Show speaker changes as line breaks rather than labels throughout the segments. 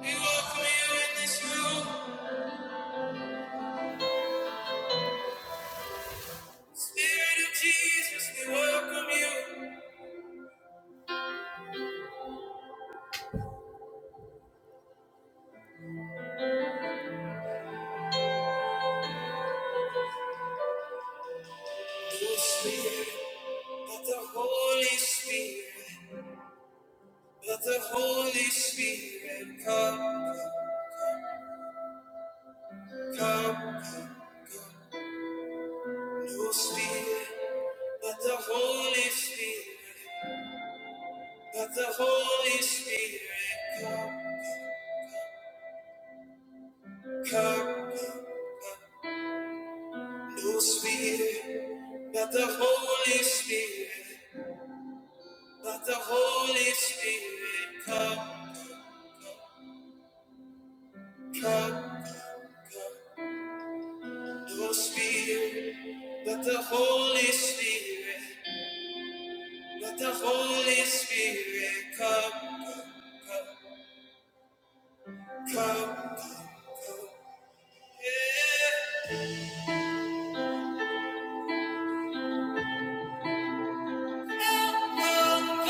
We welcome you in this room. Spirit of Jesus, we welcome you. Oh, Spirit let the Holy Spirit, let the Holy Spirit, come, come. No Spirit, let the Holy Spirit, let the Holy Spirit, come, come. No Spirit, let the Holy Spirit, let the Holy Spirit, come, come, come. Your spirit, let the Holy Spirit, let the Holy Spirit come, come, come. Yeah. Come,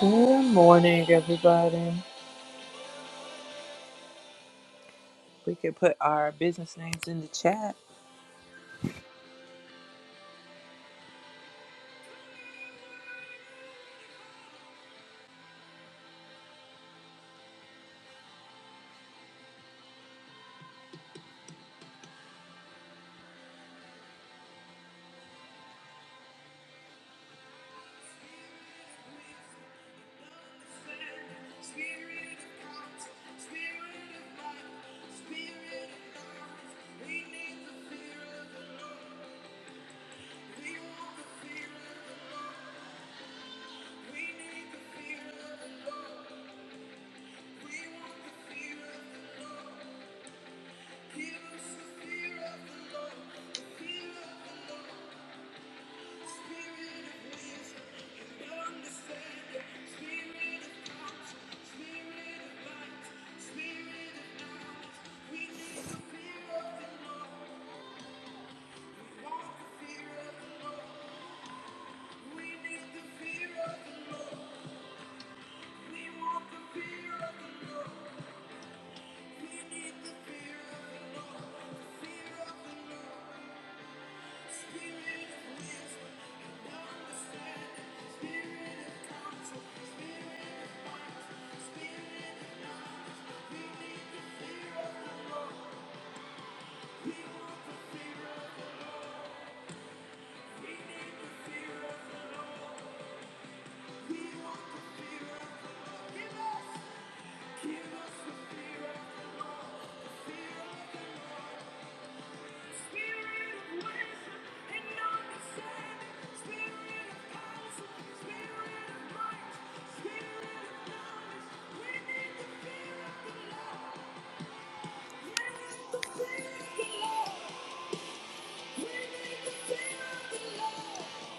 Good morning, everybody. We can put our business names in the chat.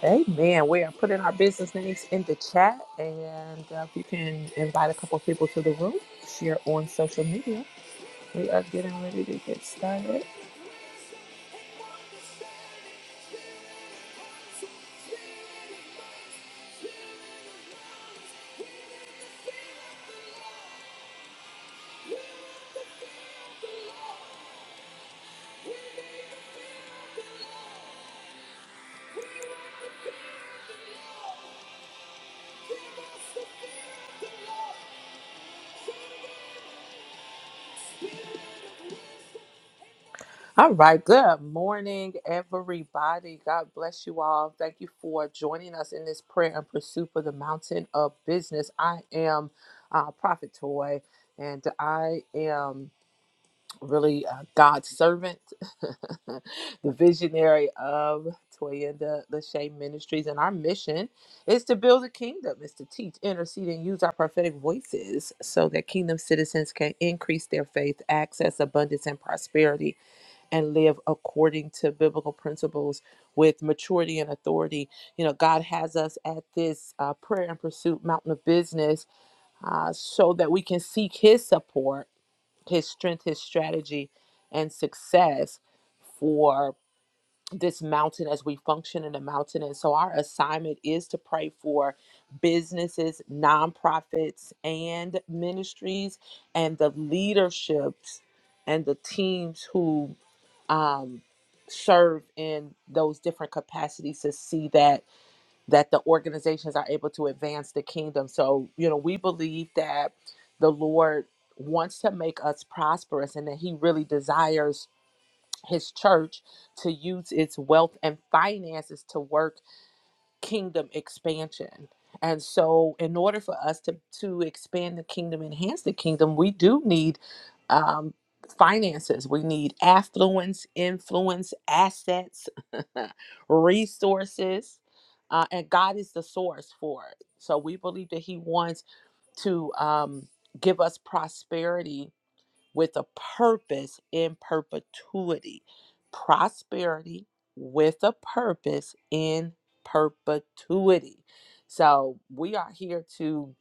Amen. We are putting our business names in the chat, and uh, if you can invite a couple of people to the room, share on social media. We are getting ready to get started. All right. Good morning, everybody. God bless you all. Thank you for joining us in this prayer and pursuit for the mountain of business. I am uh, Prophet Toy, and I am. really uh, God's servant, the visionary of Toyenda Lachey Ministries. And our mission is to build a kingdom, is to teach, intercede, and use our prophetic voices so that kingdom citizens can increase their faith, access abundance and prosperity, and live according to biblical principles with maturity and authority. You know, God has us at this uh, prayer and pursuit mountain of business uh, so that we can seek His support his strength, his strategy, and success for this mountain as we function in the mountain. And so our assignment is to pray for businesses, nonprofits, and ministries, and the leaderships and the teams who um, serve in those different capacities to see that that the organizations are able to advance the kingdom. So, you know, we believe that the Lord wants to make us prosperous and that He really desires His church to use its wealth and finances to work kingdom expansion. And so, in order for us to, to expand the kingdom, enhance the kingdom, we do need um, finances. We need affluence, influence, assets, resources. Uh, and God is the source for it. So, we believe that He wants to um, give us prosperity with a purpose in perpetuity. Prosperity with a purpose in perpetuity. So we are here to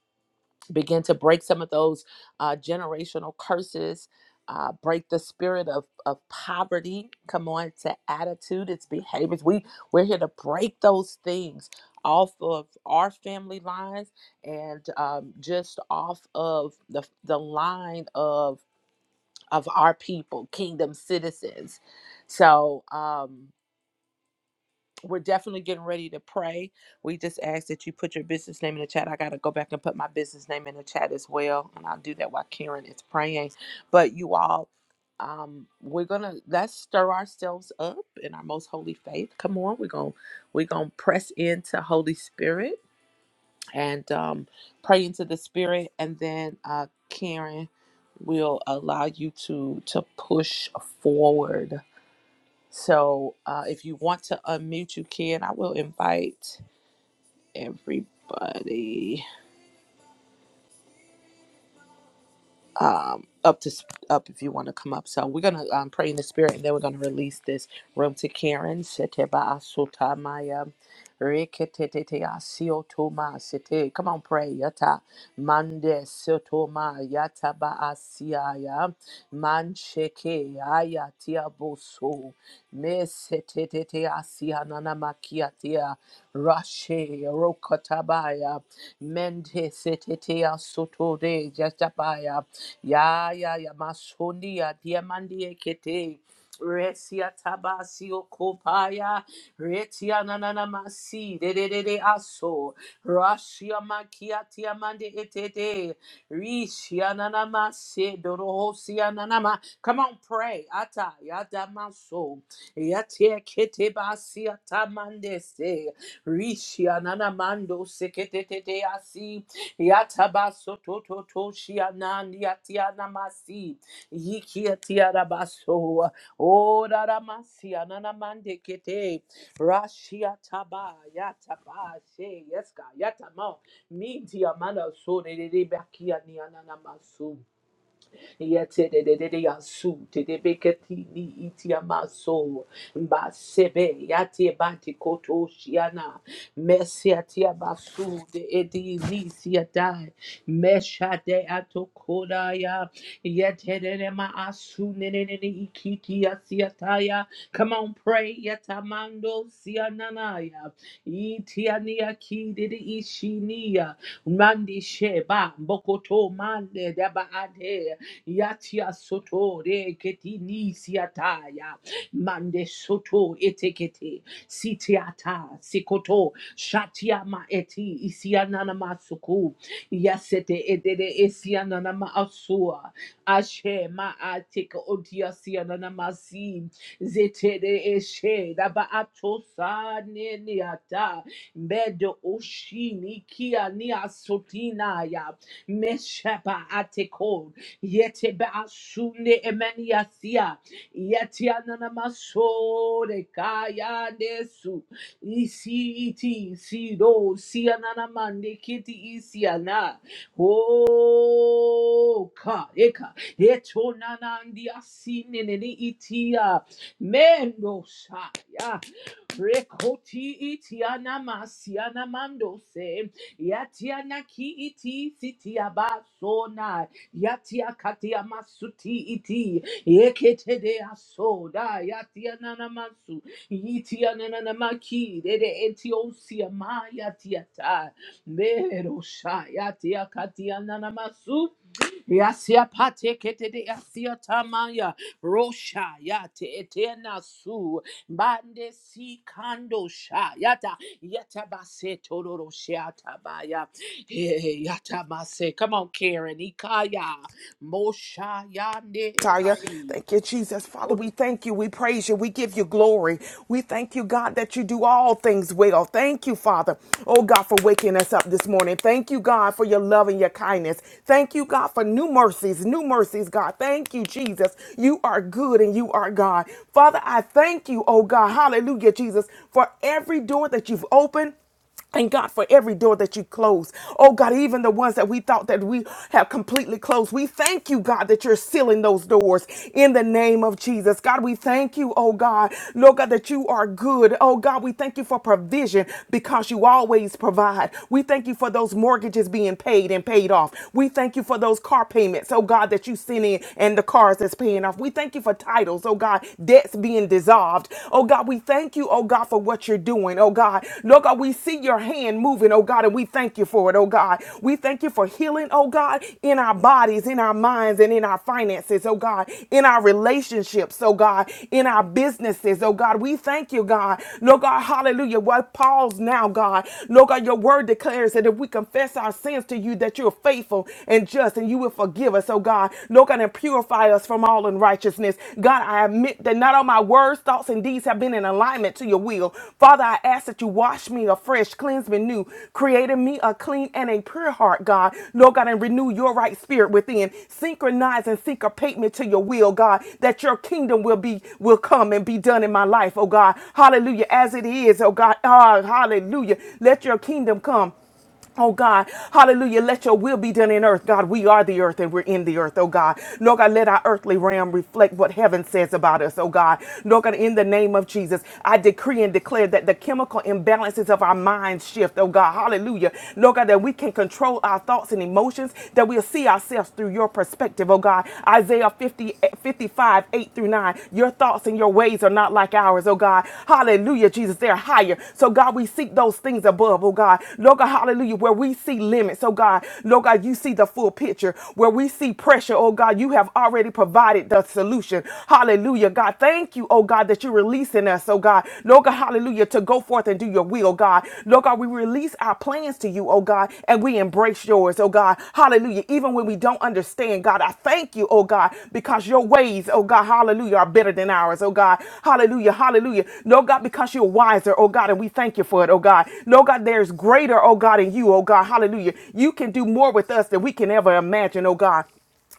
begin to break some of those uh, generational curses. Uh, break the spirit of, of poverty. Come on, to attitude, its behaviors. We we're here to break those things off of our family lines and um, just off of the the line of of our people, kingdom citizens. So um, we're definitely getting ready to pray. We just ask that you put your business name in the chat. I got to go back and put my business name in the chat as well. And I'll do that while Karen is praying. But you all, um, we're gonna let's stir ourselves up in our most holy faith. Come on, we're gonna we're gonna press into Holy Spirit and um, pray into the spirit and then uh, karen will allow you to to push forward so uh, if you want to unmute you can i will invite everybody um, up to sp- up if you want to come up. So we're gonna um, pray in the spirit, and then we're gonna release this room to Karen. Sete ba asuta maya. Reketete asiotoma sete. Come on, pray. Yata mande siotoma yata ba asiaya mancheke ayatia boso me setetete asia nana makiatia rashe rokotabaya mende setete asotode jatabaya Ya ya ya masondia diamandie kete. Retia tabasi kopaya. Retia nanana masi. De de de de aso. Rashia makia tiamande etete. Rishia nana masi. Dorohosia nanama. Come on, pray. Ata yada maso. Yatia kete basia tamande se. Rishia nana mando sekete asi. Yatabasototo shianan yatianamasi. Yikiatiarabaso. O raramasi ananamande kete. Rashia taba yataba she. yeska God. Yatama. Minti amana so de bakia ni Yetedededeyasu, tedebeketini itiamaso, mbasebe, yatebantikoto shiana, mesiatiabasu, de edilisiadai, meshadeatokodaya, yetededemaasu, nenenene ikikiasiataya. Come on, pray. Yatamando siananaya. Itiania kidid ishinia. Mandi sheba. Bokoto mande daba ade Yatia soto re keti ni siataya. Mande soto etekete. Sitiata sikoto. Shatia ma eti isianana masuku. Yasete edede esianana ma asua. Ashe ma ateka odia sianana masi. Zetere eshe daba atosa ne niata. Bedo oshini kia ni asotina ya. Mesheba ateko. Yete baasunde emeniasia. Yete ananamasore kaya desu. Isi iti isi do si ananamande kiti isi ana. Oh ka eka. Eto nanandi asine nene itia. Mendo shaya. Rekoti iti anamasi anamando se. Yatiana ki iti siti abasona. Yatia katia masuti iti. Yekete de aso da yatia nana masu. Yitia nana namaki de de etiosia ma yatia ta. Mero sha yatia katia nana masu. Yasia pate kete de yasia tamaya rosha yate etena su bande si kando sha yata yata base tororo shiata baya Eh, eh, yata base. Come on, Karen. Ikaya mosha yande Kaya.
Taya.
si.
Thank you, Jesus. Father,
Oh,
we thank you. We praise you. We give you glory. We thank you, God, that you do all things well. Thank you, Father. Oh, God, for waking us up this morning. Thank you, God, for your love and your kindness. Thank you, God, for new mercies, new mercies, God. Thank you, Jesus. You are good and you are God. Father, I thank you, oh, God. Hallelujah, Jesus, for every door that you've opened and God, for every door that you close, oh God, even the ones that we thought that we have completely closed, we thank you, God, that you're sealing those doors in the name of Jesus. God, we thank you, oh God, Lord God, that you are good. Oh God, we thank you for provision because you always provide. We thank you for those mortgages being paid and paid off. We thank you for those car payments, oh God, that you sent in and the cars that's paying off. We thank you for titles, oh God, debts being dissolved dissolved. Oh God, we thank you, oh God, for what you're doing. Oh God, Lord God, we see your hand moving, oh God, and we thank you for it, oh God. We thank you for healing, oh God, in our bodies, in our minds, and in our finances, oh God, in our relationships, oh God, in our businesses, oh God. We thank you, God. Lord God, hallelujah. What Paul's now, God. Lord God, your word declares that if we confess our sins to you, that you're faithful and just and you will forgive us, oh God. God. Lord God, and purify us from all unrighteousness. God, I admit that not all my words, thoughts, and deeds have been in alignment to your will. Father, I ask that you wash me afresh, cleanse me new, create in me a clean and a pure heart, God. Lord God, and renew your right spirit within. Synchronize and syncopate me to your will, God, that your kingdom will be will come and be done in my life, oh God. Hallelujah. As it is, oh God. Ah, hallelujah. Let your kingdom come. Oh God, hallelujah. Let your will be done in earth. God, we are the earth and we're in the earth, oh God. Lord God, let our earthly realm reflect what heaven says about us, oh God. Lord God, in the name of Jesus, I decree and declare that the chemical imbalances of our minds shift, oh God. Hallelujah. Lord God, that we can control our thoughts and emotions, that we'll see ourselves through your perspective, oh God. Isaiah 50, 55, 8 through 9. Your thoughts and your ways are not like ours, oh God. Hallelujah, Jesus. They're higher. So, God, we seek those things above, oh God. Lord God, hallelujah, where we see limits, oh God. Lord God, you see the full picture. Where we see pressure, oh God, you have already provided the solution. Hallelujah, God. Thank you, oh God, that you're releasing us, oh God. Lord God, hallelujah, to go forth and do your will, God. God. Lord God, we release our plans to you, oh God, and we embrace yours, oh God. Hallelujah. Even when we don't understand, God, I thank you, oh God, because your ways, oh God, hallelujah, are better than ours, oh God. Hallelujah, hallelujah. No, God, because you're wiser, oh God, and we thank you for it, oh God. No, God, there's greater, oh God, in you, oh God, hallelujah. You can do more with us than we can ever imagine, oh God.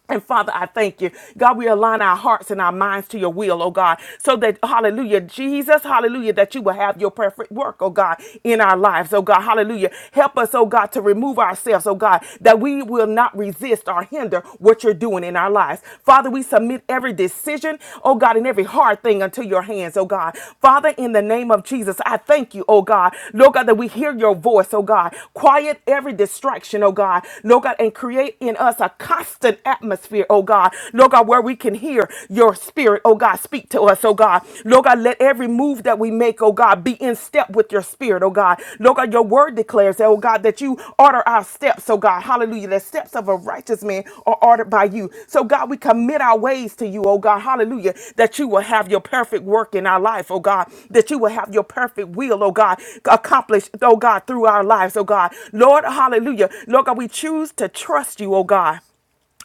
And Father, I thank you. God, we align our hearts and our minds to your will, oh God, so that, hallelujah, Jesus, hallelujah, that you will have your perfect work, oh God, in our lives, oh God, hallelujah. Help us, oh God, to remove ourselves, oh God, that we will not resist or hinder what you're doing in our lives. Father, we submit every decision, oh God, and every hard thing unto your hands, oh God. Father, in the name of Jesus, I thank you, oh God, Lord God, that we hear your voice, oh God. Quiet every distraction, oh God, Lord God, and create in us a constant an atmosphere, oh God. Lord God, where we can hear your spirit, oh God, speak to us, oh God. Lord God, let every move that we make, oh God, be in step with your spirit, oh God. Lord God, your word declares, oh God, that you order our steps, oh God. Hallelujah. The steps of a righteous man are ordered by you. So God, we commit our ways to you, oh God. Hallelujah. That you will have your perfect work in our life, oh God. That you will have your perfect will, oh God, accomplished, oh God, through our lives, oh God. Lord, hallelujah. Lord God, we choose to trust you, oh God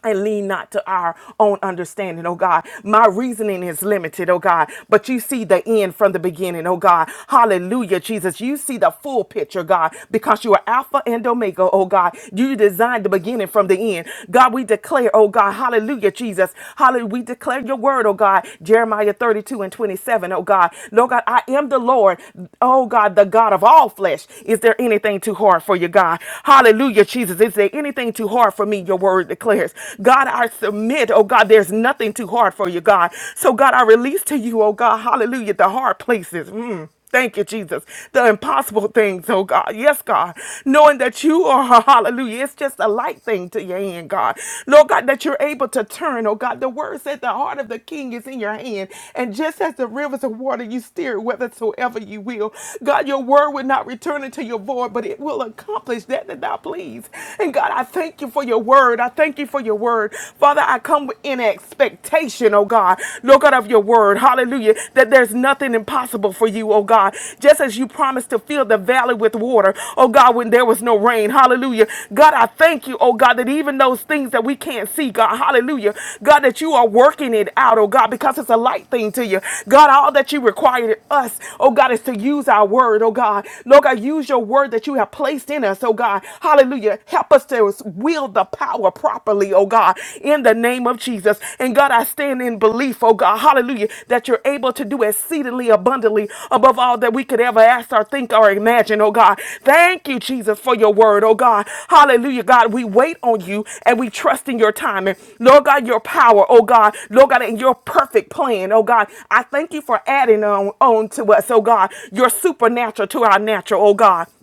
and lean not to our own understanding, oh God. My reasoning is limited, oh God, but you see the end from the beginning, oh God. Hallelujah, Jesus. You see the full picture, God, because you are Alpha and Omega, oh God. You designed the beginning from the end. God, we declare, oh God, hallelujah, Jesus. Hallelujah, we declare your word, oh God. Jeremiah 32 and 27, O God. Lord God, I am the Lord, oh God, the God of all flesh. Is there anything too hard for you, God? Hallelujah, Jesus. Is there anything too hard for for me, your word declares. God, I submit, oh God, there's nothing too hard for you, God. So, God, I release to you, oh God, hallelujah, the hard places. Mm. Thank you, Jesus. The impossible things, oh God. Yes, God. Knowing that you are, hallelujah, it's just a light thing to your hand, God. Lord God, that you're able to turn, oh God. The word said the heart of the king is in your hand. And just as the rivers of water you steer it whithersoever you will. God, your word will not return unto your void, but it will accomplish that that thou please. And God, I thank you for your word. I thank you for your word. Father, I come in expectation, oh God, Lord God, of your word. Hallelujah. That there's nothing impossible for you, oh God. Just as you promised to fill the valley with water, oh God, when there was no rain. Hallelujah. God, I thank you, oh God, that even those things that we can't see, God, hallelujah. God, that you are working it out, oh God, because it's a light thing to you. God, all that you require of us, oh God, is to use our word, oh God. Lord God, use your word that you have placed in us, us, oh God. Hallelujah. Help us to wield the power properly, oh God, in the name of Jesus. And God, I stand in belief, oh God, hallelujah, that you're able to do exceedingly abundantly above all that we could ever ask or think or imagine, oh God. Thank you, Jesus, for your word, oh God. Hallelujah, God. We wait on you and we trust in your timing. Lord God, your power, oh God. Lord God, and your perfect plan, oh God. I thank you for adding on, on to us, oh God, your supernatural to our natural, oh God.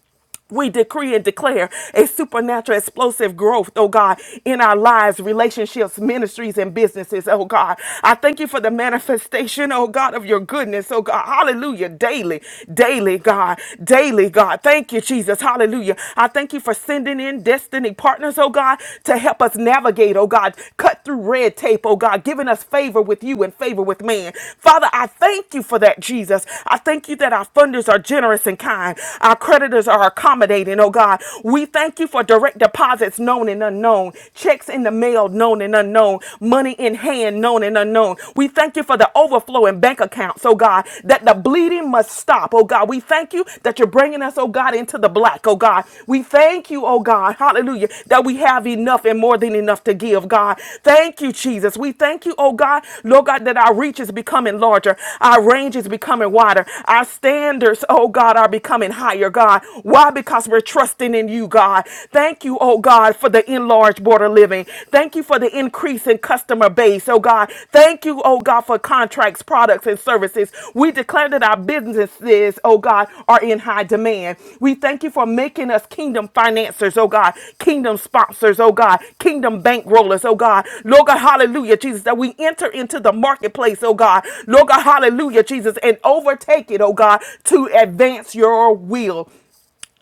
We decree and declare a supernatural explosive growth, oh God, in our lives, relationships, ministries, and businesses, oh God. I thank you for the manifestation, oh God, of your goodness, oh God. Hallelujah. Daily, daily, God. Daily, God. Thank you, Jesus. Hallelujah. I thank you for sending in destiny partners, oh God, to help us navigate, oh God, cut through red tape, oh God, giving us favor with you and favor with man. Father, I thank you for that, Jesus. I thank you that our funders are generous and kind. Our creditors are accommodating, oh God. We thank you for direct deposits known and unknown, checks in the mail known and unknown, money in hand known and unknown. We thank you for the overflow in bank accounts, oh God, that the bleeding must stop, oh God. We thank you that you're bringing us, oh God, into the black, oh God. We thank you, oh God, hallelujah, that we have enough and more than enough to give, God. Thank you, Jesus. We thank you, oh God, Lord God, that our reach is becoming larger, our range is becoming wider, our standards, oh God, are becoming higher, God. Why? Because we're trusting in you, God. Thank you, oh God, for the enlarged border living. Thank you for the increase in customer base, oh God. Thank you, oh God, for contracts, products, and services. We declare that our businesses, oh God, are in high demand. We thank you for making us kingdom financiers, oh God, kingdom sponsors, oh God, kingdom bankrollers, oh God. Lord God, hallelujah, Jesus, that we enter into the marketplace, oh God. Lord God, hallelujah, Jesus, and overtake it, oh God, to advance your will.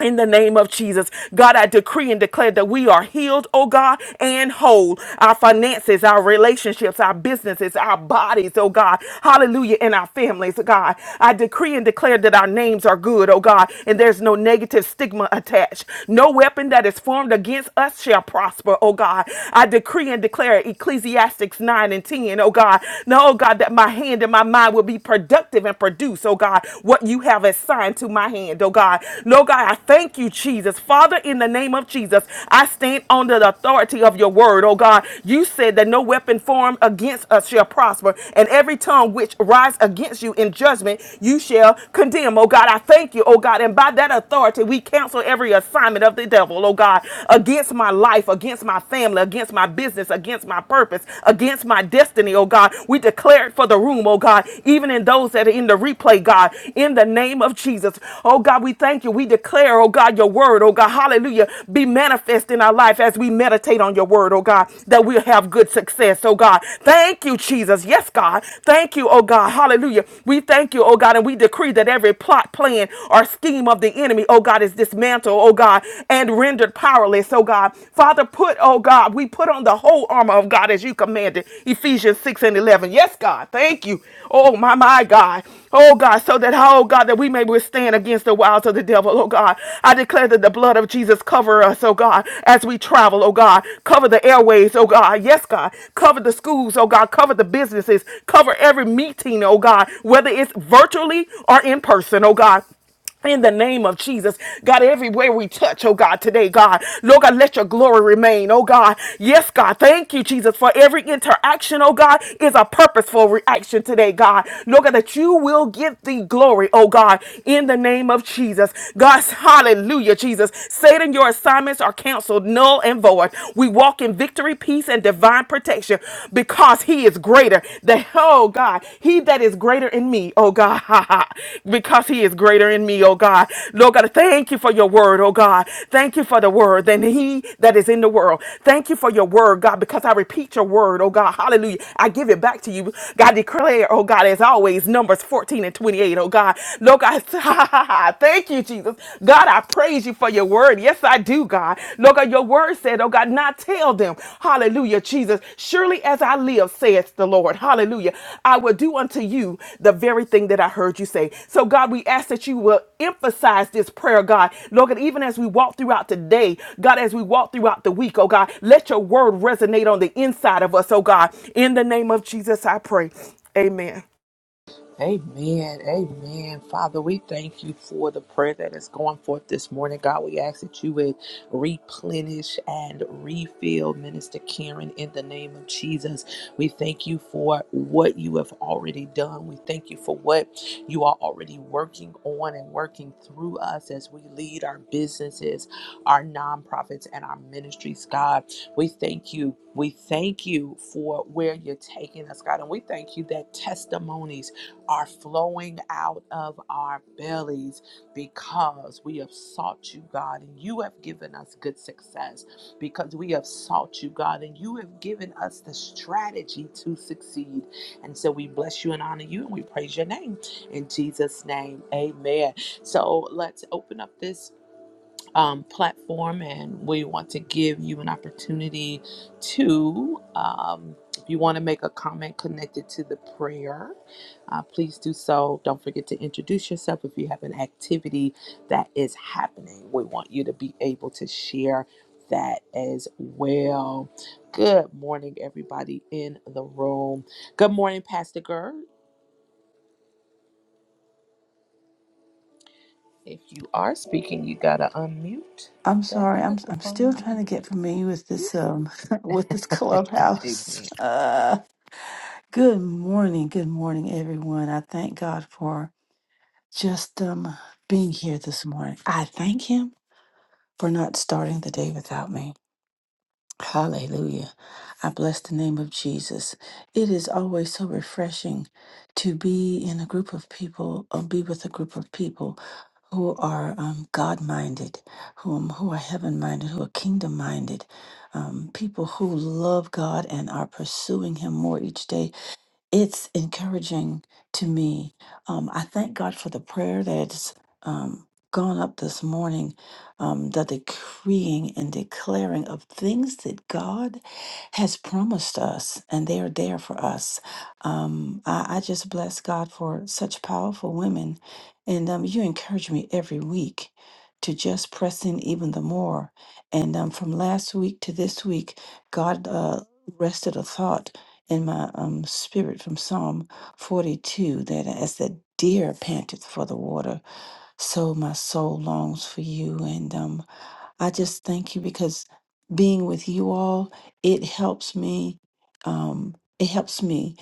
In the name of Jesus, God, I decree and declare that we are healed, oh God, and whole. Our finances, our relationships, our businesses, our bodies, oh God. Hallelujah. And our families, God. I decree and declare that our names are good, oh God, and there's no negative stigma attached. No weapon that is formed against us shall prosper, oh God. I decree and declare Ecclesiastics 9 and 10, O God. No, oh God, that my hand and my mind will be productive and produce, oh God, what you have assigned to my hand, oh God. God. Lord God, I thank you, Jesus. Father, in the name of Jesus, I stand under the authority of your word, oh God. You said that no weapon formed against us shall prosper, and every tongue which rise against you in judgment, you shall condemn, oh God. I thank you, oh God. And by that authority, we cancel every assignment of the devil, oh God, against my life, against my family, against my business, against my purpose, against my destiny, oh God. We declare it for the room, oh God, even in those that are in the replay, God, in the name of Jesus servants. Oh God, we thank you. We declare, oh God, your word, oh God, hallelujah, be manifest in our life as we meditate on your word, oh God, that we'll have good success, oh God. Thank you, Jesus. Yes, God. Thank you, oh God, hallelujah. We thank you, oh God, and we decree that every plot, plan, or scheme of the enemy, oh God, is dismantled, oh God, and rendered powerless, oh God. Father, put, oh God, we put on the whole armor of God as you commanded, Ephesians 6 and 11. Yes, God. Thank you. Oh, my, my God. Oh God, so that oh God, that we may withstand against the wiles of the devil, oh God. I declare that the blood of Jesus cover us, oh God, as we travel, oh God. Cover the airways, oh God. Yes, God. Cover the schools, oh God. Cover the businesses. Cover every meeting, oh God, whether it's virtually or in person, oh God in the name of Jesus, God, everywhere we touch, oh God, today, God, Lord God, let your glory remain, oh God. Yes, God, thank you, Jesus, for every interaction, oh God, is a purposeful reaction today, God. Lord God, that you will give the glory, oh God, in the name of Jesus. God, hallelujah, Jesus. Satan, your assignments are canceled, null and void. We walk in victory, peace, and divine protection because because he is greater. The oh God, he that is greater in me, oh God, because he is greater in me, oh God. Lord God, thank you for your word, oh God. Thank you for the word than he that is in the world. Thank you for your word, God, because I repeat your word, oh God. Hallelujah. I give it back to you. God declare, oh God, as always, numbers 14 and 28, oh God. Lord God, thank you, Jesus. God, I praise you for your your word. Yes, I do, God. Lord God, your word said, oh God, not tell them. Hallelujah, Jesus. Surely as I live, saith the Lord. Hallelujah. I will do unto you the very thing that I heard you say. So, God, we ask that you will emphasize this prayer, God. Lord God, even as we walk throughout today, God, as we walk throughout the week, oh God, let your word resonate on the inside of us, oh God. In the name of Jesus, I pray. Amen.
Amen. Amen. Father, we thank you for the prayer that is going forth this morning. God, we ask that you would replenish and refill Minister Karen in the name of Jesus. We thank you for what you have already done. We thank you for what you are already working on and working through us as we lead our businesses, our nonprofits, and our ministries, God. We thank you. We thank you for where you're taking us, God. And we thank you that testimonies are flowing out of our bellies because we have sought you, God, and you have given us good success because we have sought you, God, and you have given us the strategy to succeed. And so we bless you and honor you and we praise your name in Jesus' name. Amen. So let's open up this um, platform, and we want to give you an opportunity to, um, if you want to make a comment connected to the prayer, uh, please do so. Don't forget to introduce yourself if you have an activity that is happening. We want you to be able to share that as well. Good morning, everybody in the room. Good morning, Pastor Gurr. If you are speaking, you got to unmute
I'm
that
sorry. I'm I'm
microphone.
still trying to get familiar with this um with this clubhouse.
Amen.
Uh, good morning, good morning, everyone. I thank God for just um being here this morning. I thank Him for not starting the day without me. Hallelujah. I bless the name of Jesus. It is always so refreshing to be in a group of people or be with a group of people who are um, God minded, whom who are heaven minded, who are kingdom minded, um, people who love God and are pursuing Him more each day it's encouraging to me. Um, I thank God for the prayer that's um, gone up this morning, um, the decreeing and declaring of things that God has promised us, and they are there for us. Um, I, I just bless God for such powerful women, and um, you encourage me every week. To just press in even the more. And um, from last week to this week, God uh, rested a thought in my um, spirit from Psalm 42 that as the deer panteth for the water, so my soul longs for you. And um, I just thank you because being with you all, it helps me. Um, it helps me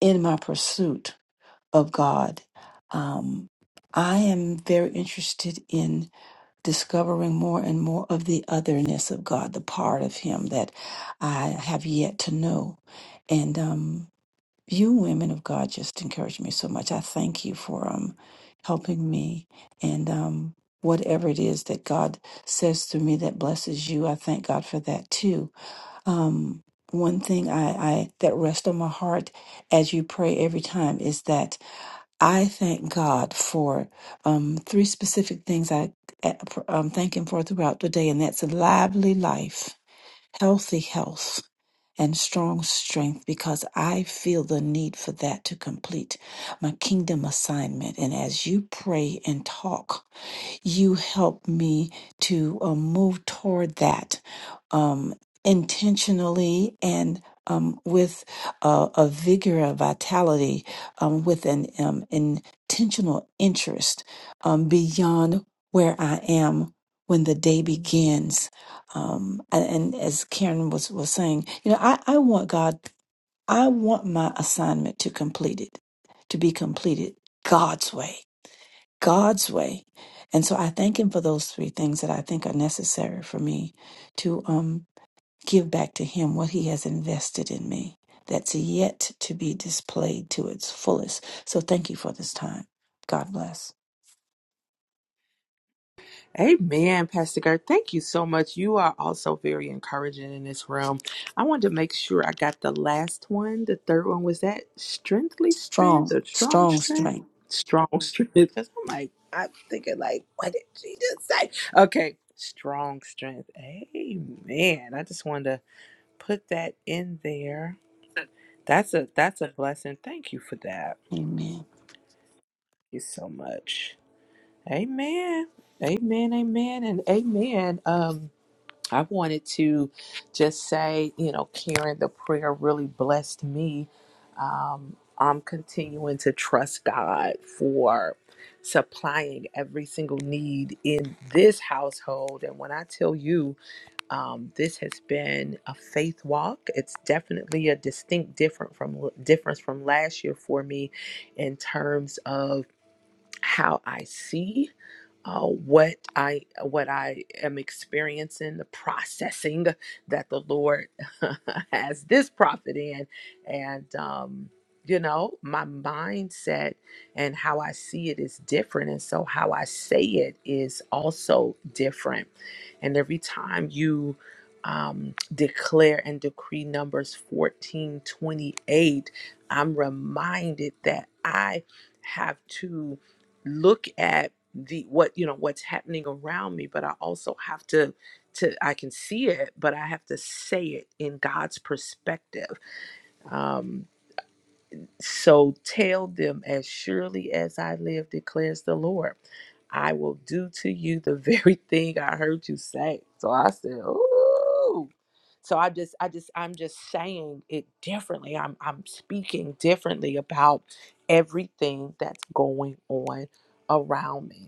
in my pursuit of God. Um, I am very interested in discovering more and more of the otherness of God, the part of Him that I have yet to know. And um, you women of God just encourage me so much. I thank you for um helping me and um whatever it is that God says through me that blesses you. I thank God for that too. Um one thing I, I that rests on my heart as you pray every time is that I thank God for um, three specific things I uh, um, thank Him for throughout the day, and that's a lively life, healthy health, and strong strength because I feel the need for that to complete my kingdom assignment. And as you pray and talk, you help me to uh, move toward that um, intentionally and um, with uh, a vigor, a vitality, um, with an um, intentional interest um, beyond where I am when the day begins. Um, and, and as Karen was, was saying, you know, I, I want God, I want my assignment to complete it, to be completed God's way God's way. And so I thank him for those three things that I think are necessary for me to um, give back to him what he has invested in me that's yet to be displayed to its fullest. So thank you for this time. God bless.
Amen, Pastor Gert. Thank you so much. You are also very encouraging in this room. I wanted to make sure I got the last one. The third one was that strengthly strength
Strong,
or strong
strong
strength?
strength.
Strong strength. Because I'm like, I'm thinking like, what did she just say? Okay, strong strength. Amen. I just wanted to put that in there. That's a that's a blessing. Thank you for that.
Amen.
Thank you so much. Amen. Amen. Amen. And amen. Um I wanted to just say, you know, Karen, the prayer really blessed me. Um, I'm continuing to trust God for supplying every single need in this household. And when I tell you, um, this has been a faith walk, it's definitely a distinct different from difference from last year for me in terms of how I see, uh, what I what I am experiencing, the processing that the Lord has this prophet in, and um, you know my mindset and how I see it is different, and so how I say it is also different. And every time you um, declare and decree numbers fourteen twenty eight, I'm reminded that I have to look at the what you know what's happening around me but i also have to to i can see it but i have to say it in god's perspective um so tell them as surely as i live declares the lord i will do to you the very thing i heard you say so i said ooh so i just i just i'm just saying it differently i'm i'm speaking differently about everything that's going on around me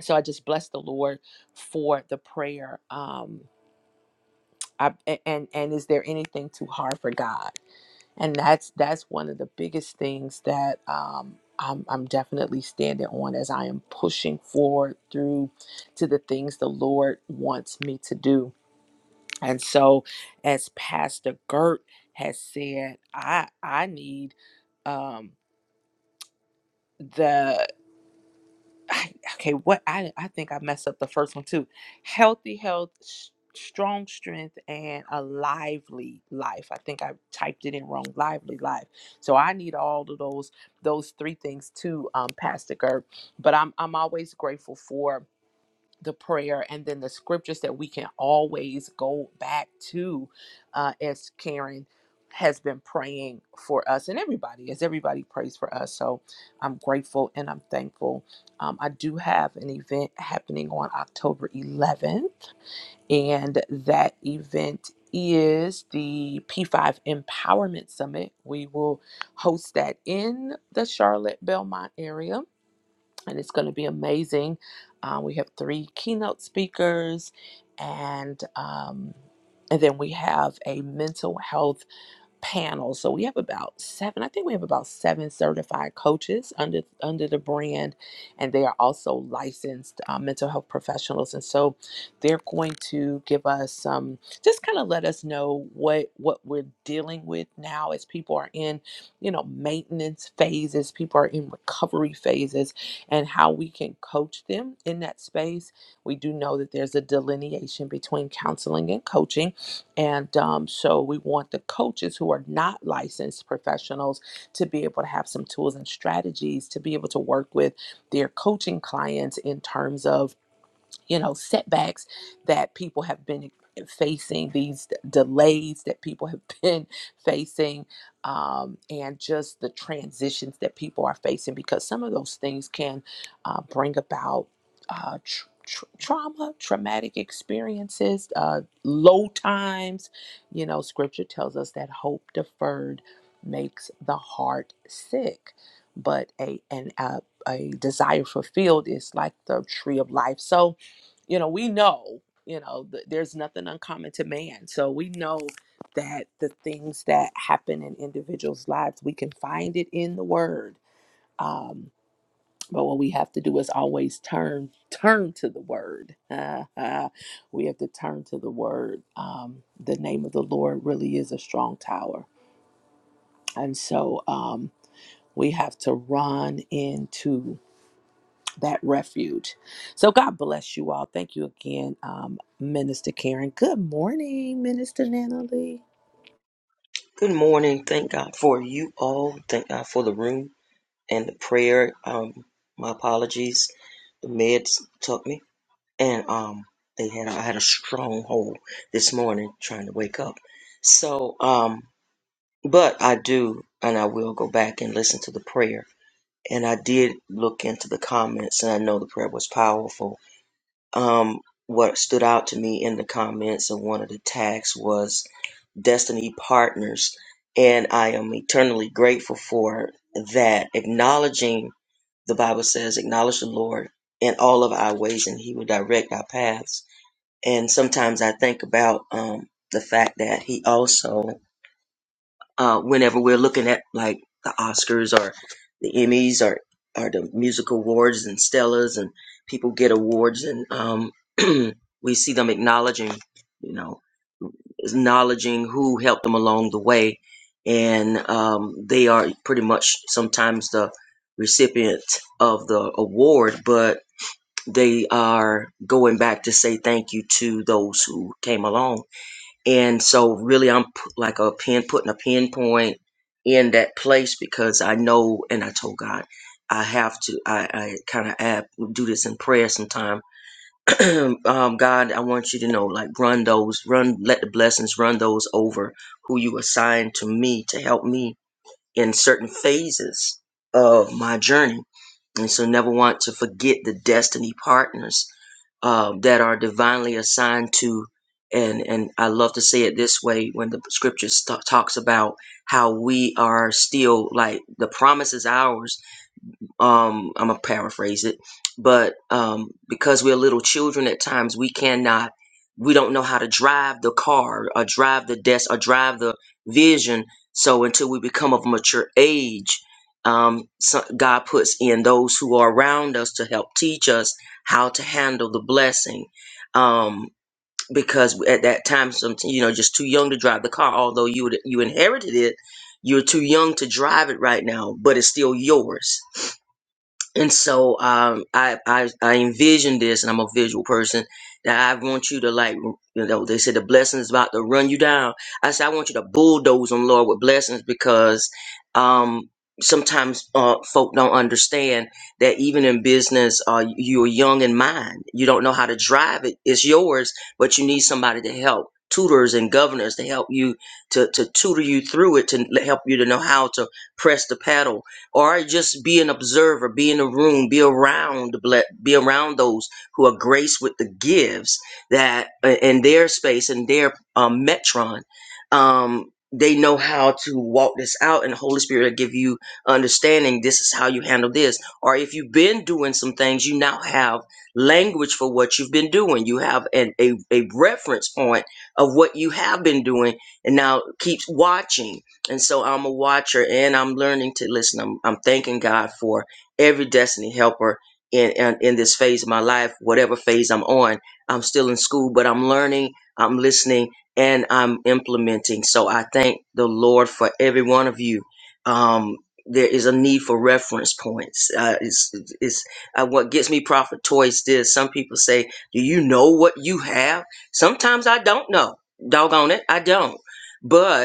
so i just bless the lord for the prayer um I, a- and and is there anything too hard for god and that's that's one of the biggest things that um I'm, I'm definitely standing on as I am pushing forward through to the things the Lord wants me to do. And so as Pastor Gert has said, I I need um the I, okay, what I I think I messed up the first one too. Healthy health, s- strong strength, and a lively life. I think I typed it in wrong. Lively life. So I need all of those those three things too, um, Pastor Gerb. But I'm I'm always grateful for the prayer and then the scriptures that we can always go back to uh, as Karen has been praying for us and everybody as everybody prays for us. So I'm grateful and I'm thankful. Um, I do have an event happening on October 11th, and that event is the P5 Empowerment Summit. We will host that in the Charlotte Belmont area and it's going to be amazing. Uh, we have three keynote speakers, and um, and then we have a mental health panel. So we have about seven, I think we have about seven certified coaches under under the brand, and they are also licensed uh, mental health professionals. And so they're going to give us some, um, just kind of let us know what what we're dealing with now as people are in, you know, maintenance phases, people are in recovery phases, and how we can coach them in that space. We do know that there's a delineation between counseling and coaching and um, so we want the coaches who are not licensed professionals to be able to have some tools and strategies to be able to work with their coaching clients in terms of you know setbacks that people have been facing these d- delays that people have been facing um, and just the transitions that people are facing because some of those things can uh, bring about uh, tr- tr- trauma traumatic experiences uh, low times you know scripture tells us that hope deferred makes the heart sick but a and a, a desire fulfilled is like the tree of life so you know, we know, you know, th- there's nothing uncommon to man. So we know that the things that happen in individuals' lives, we can find it in the word. Um, but what we have to do is always turn turn to the word. we have to turn to the word. Um, the name of the Lord really is a strong tower, and so um, we have to run into that refuge. So God bless you all. Thank you again, um, Minister Karen. Good morning, Minister Natalie.
Good morning. Thank God for you all. Thank God for the room and the prayer. Um, my apologies. The meds took me, and um, they had I had a stronghold this morning trying to wake up. So, um, but I do, and I will go back and listen to the prayer. And I did look into the comments, and I know the prayer was powerful. Um, what stood out to me in the comments and one of the tags was destiny partners. And I am eternally grateful for that. Acknowledging, the Bible says, acknowledge the Lord in all of our ways and he will direct our paths. And sometimes I think about um, the fact that he also, uh, whenever we're looking at like the Oscars or the Emmys or, or the music awards and Stellas and people get awards and um, we see them acknowledging, you know acknowledging who helped them along the way. And um, they are pretty much sometimes the recipient of the award, but they are going back to say thank you to those who came along. And so, really, I'm p- like a pin, putting a pinpoint in that place because I know, and I told God, I have to, I, I kind of do this in prayer sometime um, God, I want you to know, like, run those, run, let the blessings run those over who you assigned to me to help me in certain phases of my journey. And so, never want to forget the destiny partners uh, that are divinely assigned to. And, and I love to say it this way when the scripture st- talks about how we are still like the promise is ours, um i'm gonna paraphrase it but um because we're little children at times we cannot we don't know how to drive the car or drive the desk or drive the vision so until we become of mature age um so god puts in those who are around us to help teach us how to handle the blessing um because at that time some you know just too young to drive the car although you would you inherited it you're too young to drive it right now but it's still yours and so um, I, I I envision this, and I'm a visual person. That I want you to like, you know, they said the blessings about to run you down. I said I want you to bulldoze them, Lord, with blessings because um, sometimes uh, folk don't understand that even in business, uh, you're young in mind. You don't know how to drive it. It's yours, but you need somebody to help, tutors and governors to help you to to tutor you through it, to help you to know how to press the pedal or just be an observer, be in a room, be around, ble- be around those who are graced with the gifts that uh, in their space and their um, metron, um, they know how to walk this out, and the Holy Spirit will give you understanding. This is how you handle this, or if you've been doing some things, you now have language for what you've been doing. You have an, a a reference point of what you have been doing, and now keeps watching and so I'm a watcher and I'm learning to listen. I'm, I'm thanking God for every destiny helper in, in in this phase of my life, whatever phase I'm on. I'm still in school, but I'm learning, I'm listening, and I'm implementing. So I thank the Lord for every one of you. Um, there is a need for reference points. Uh, it's it's uh, what gets me profit toys. This some people say, "Do you know what you have?" Sometimes I don't know. Doggone it, I don't. But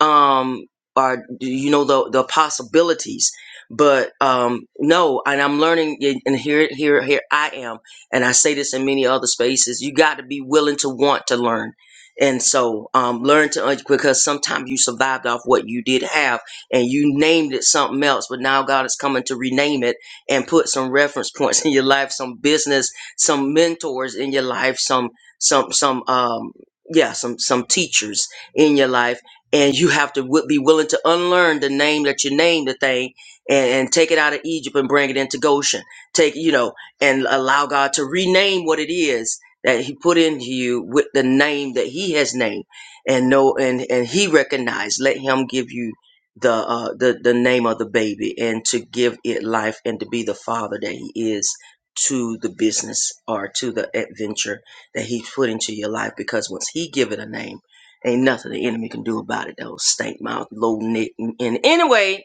um or you know the the possibilities but um no and i'm learning y- and here here here i am and i say this in many other spaces you got to be willing to want to learn and so um learn to un- because sometimes you survived off what you did have and you named it something else but now god is coming to rename it and put some reference points in your life some business some mentors in your life some some some um yeah some some teachers in your life and you have to wi- be willing to unlearn the name that you named the thing and, and take it out of egypt and bring it into goshen take you know and allow god to rename what it is that he put into you with the name that he has named and know and and he recognized let him give you the uh the the name of the baby and to give it life and to be the father that he is to the business or to the adventure that he put into your life because once he give it a name Ain't nothing the enemy can do about it though. Stank mouth, low neck. And anyway,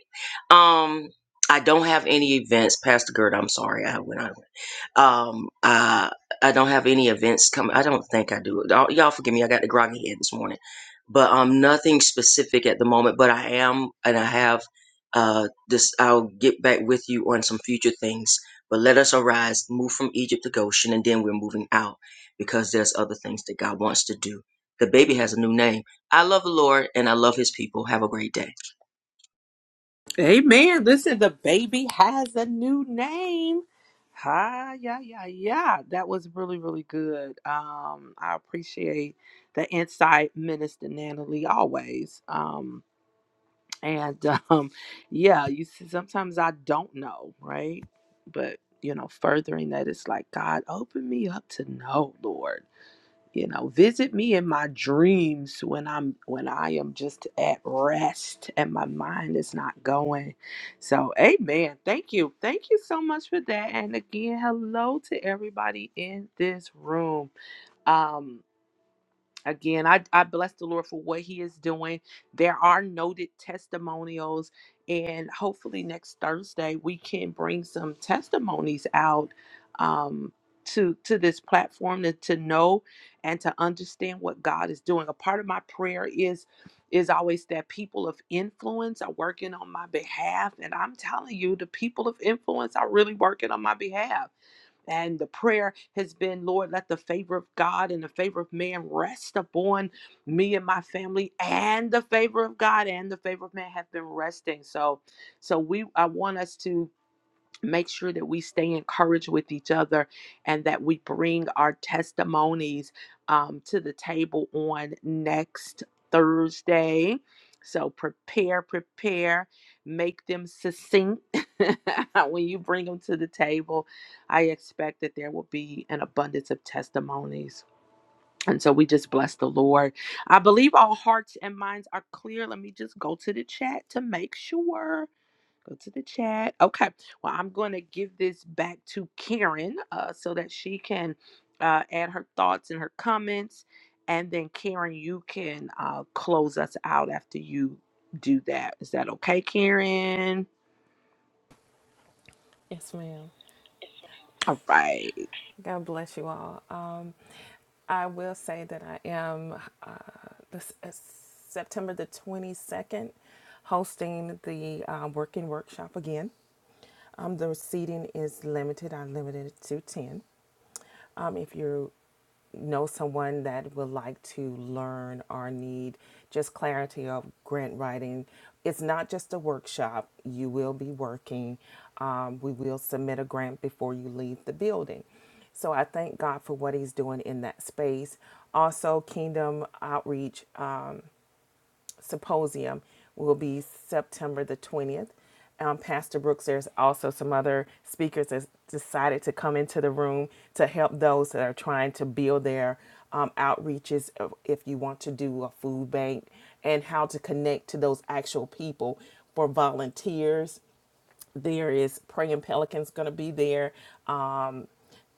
um, I don't have any events, Pastor Gert. I'm sorry, I went out. Um, uh, I don't have any events coming. I don't think I do. Y'all y'all forgive me. I got the groggy head this morning, but um, nothing specific at the moment. But I am, and I have uh this. I'll get back with you on some future things. But let us arise, move from Egypt to Goshen, and then we're moving out because there's other things that God wants to do. The baby has a new name. I love the Lord and I love His people. Have a great day.
Amen. Listen, the baby has a new name. Hi, yeah, yeah, yeah. That was really, really good. Um, I appreciate the insight, Minister Natalie, always. Um, and um, yeah, you see, sometimes I don't know, right? But you know, furthering that, it's like God, open me up to know, Lord you know visit me in my dreams when i'm when i am just at rest and my mind is not going so amen thank you thank you so much for that and again hello to everybody in this room um Again, I, I bless the Lord for what He is doing. There are noted testimonials, and hopefully next Thursday we can bring some testimonies out um, to to this platform to, to know and to understand what God is doing. A part of my prayer is is always that people of influence are working on my behalf, and I'm telling you, the people of influence are really working on my behalf and the prayer has been, Lord, let the favor of God and the favor of man rest upon me and my family, and the favor of God and the favor of man have been resting. So, so we, I want us to make sure that we stay encouraged with each other and that we bring our testimonies um, to the table on next Thursday. So prepare, prepare, make them succinct. when you bring them to the table, I expect that there will be an abundance of testimonies. And so we just bless the Lord. I believe all hearts and minds are clear. Let me just go to the chat to make sure. Go to the chat. Okay. Well, I'm going to give this back to Karen uh, so that she can uh, add her thoughts and her comments. And then, Karen, you can uh, close us out after you do that. Is that okay, Karen? All right.
need just clarity of grant writing. It's not just a workshop, you will be working. Um, we will submit a grant before you leave the building. So I thank God for what He's doing in that space. Also, Kingdom Outreach. um, symposium will be September the 20th. Um, Pastor Brooks, there's also some other speakers that decided to come into the room to help those that are trying to build their um, outreaches. If you want to do a food bank and how to connect to those actual people for volunteers there is Praying Pelicans going to be there. Um,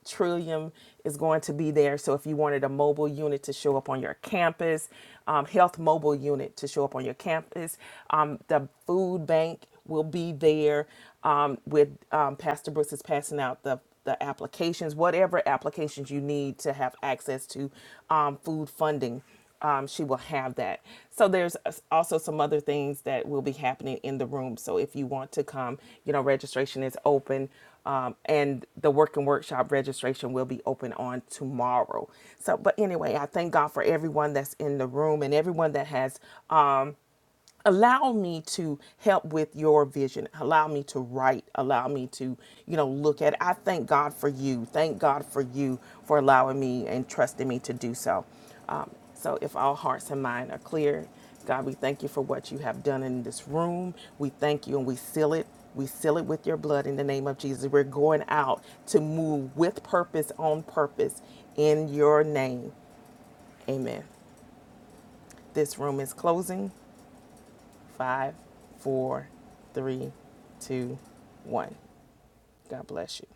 Trillium is going to be there. So if you wanted a mobile unit to show up on your campus, um, health mobile unit to show up on your campus, um, the food bank will be there um, with um, Pastor Brooks is passing out the the applications, whatever applications you need to have access to um, food funding um, she will have that. So there's also some other things that will be happening in the room. So if you want to come, you know, registration is open. Um, and the work and workshop registration will be open on tomorrow. So, but anyway, I thank God for everyone that's in the room and everyone that has um, allow me to help with your vision allow me to write allow me to you know look at it. i thank god for you thank god for you for allowing me and trusting me to do so um, so if all hearts and minds are clear god we thank you for what you have done in this room we thank you and we seal it we seal it with your blood in the name of jesus we're going out to move with purpose on purpose in your name amen this room is closing Five, four, three, two, one. God bless you.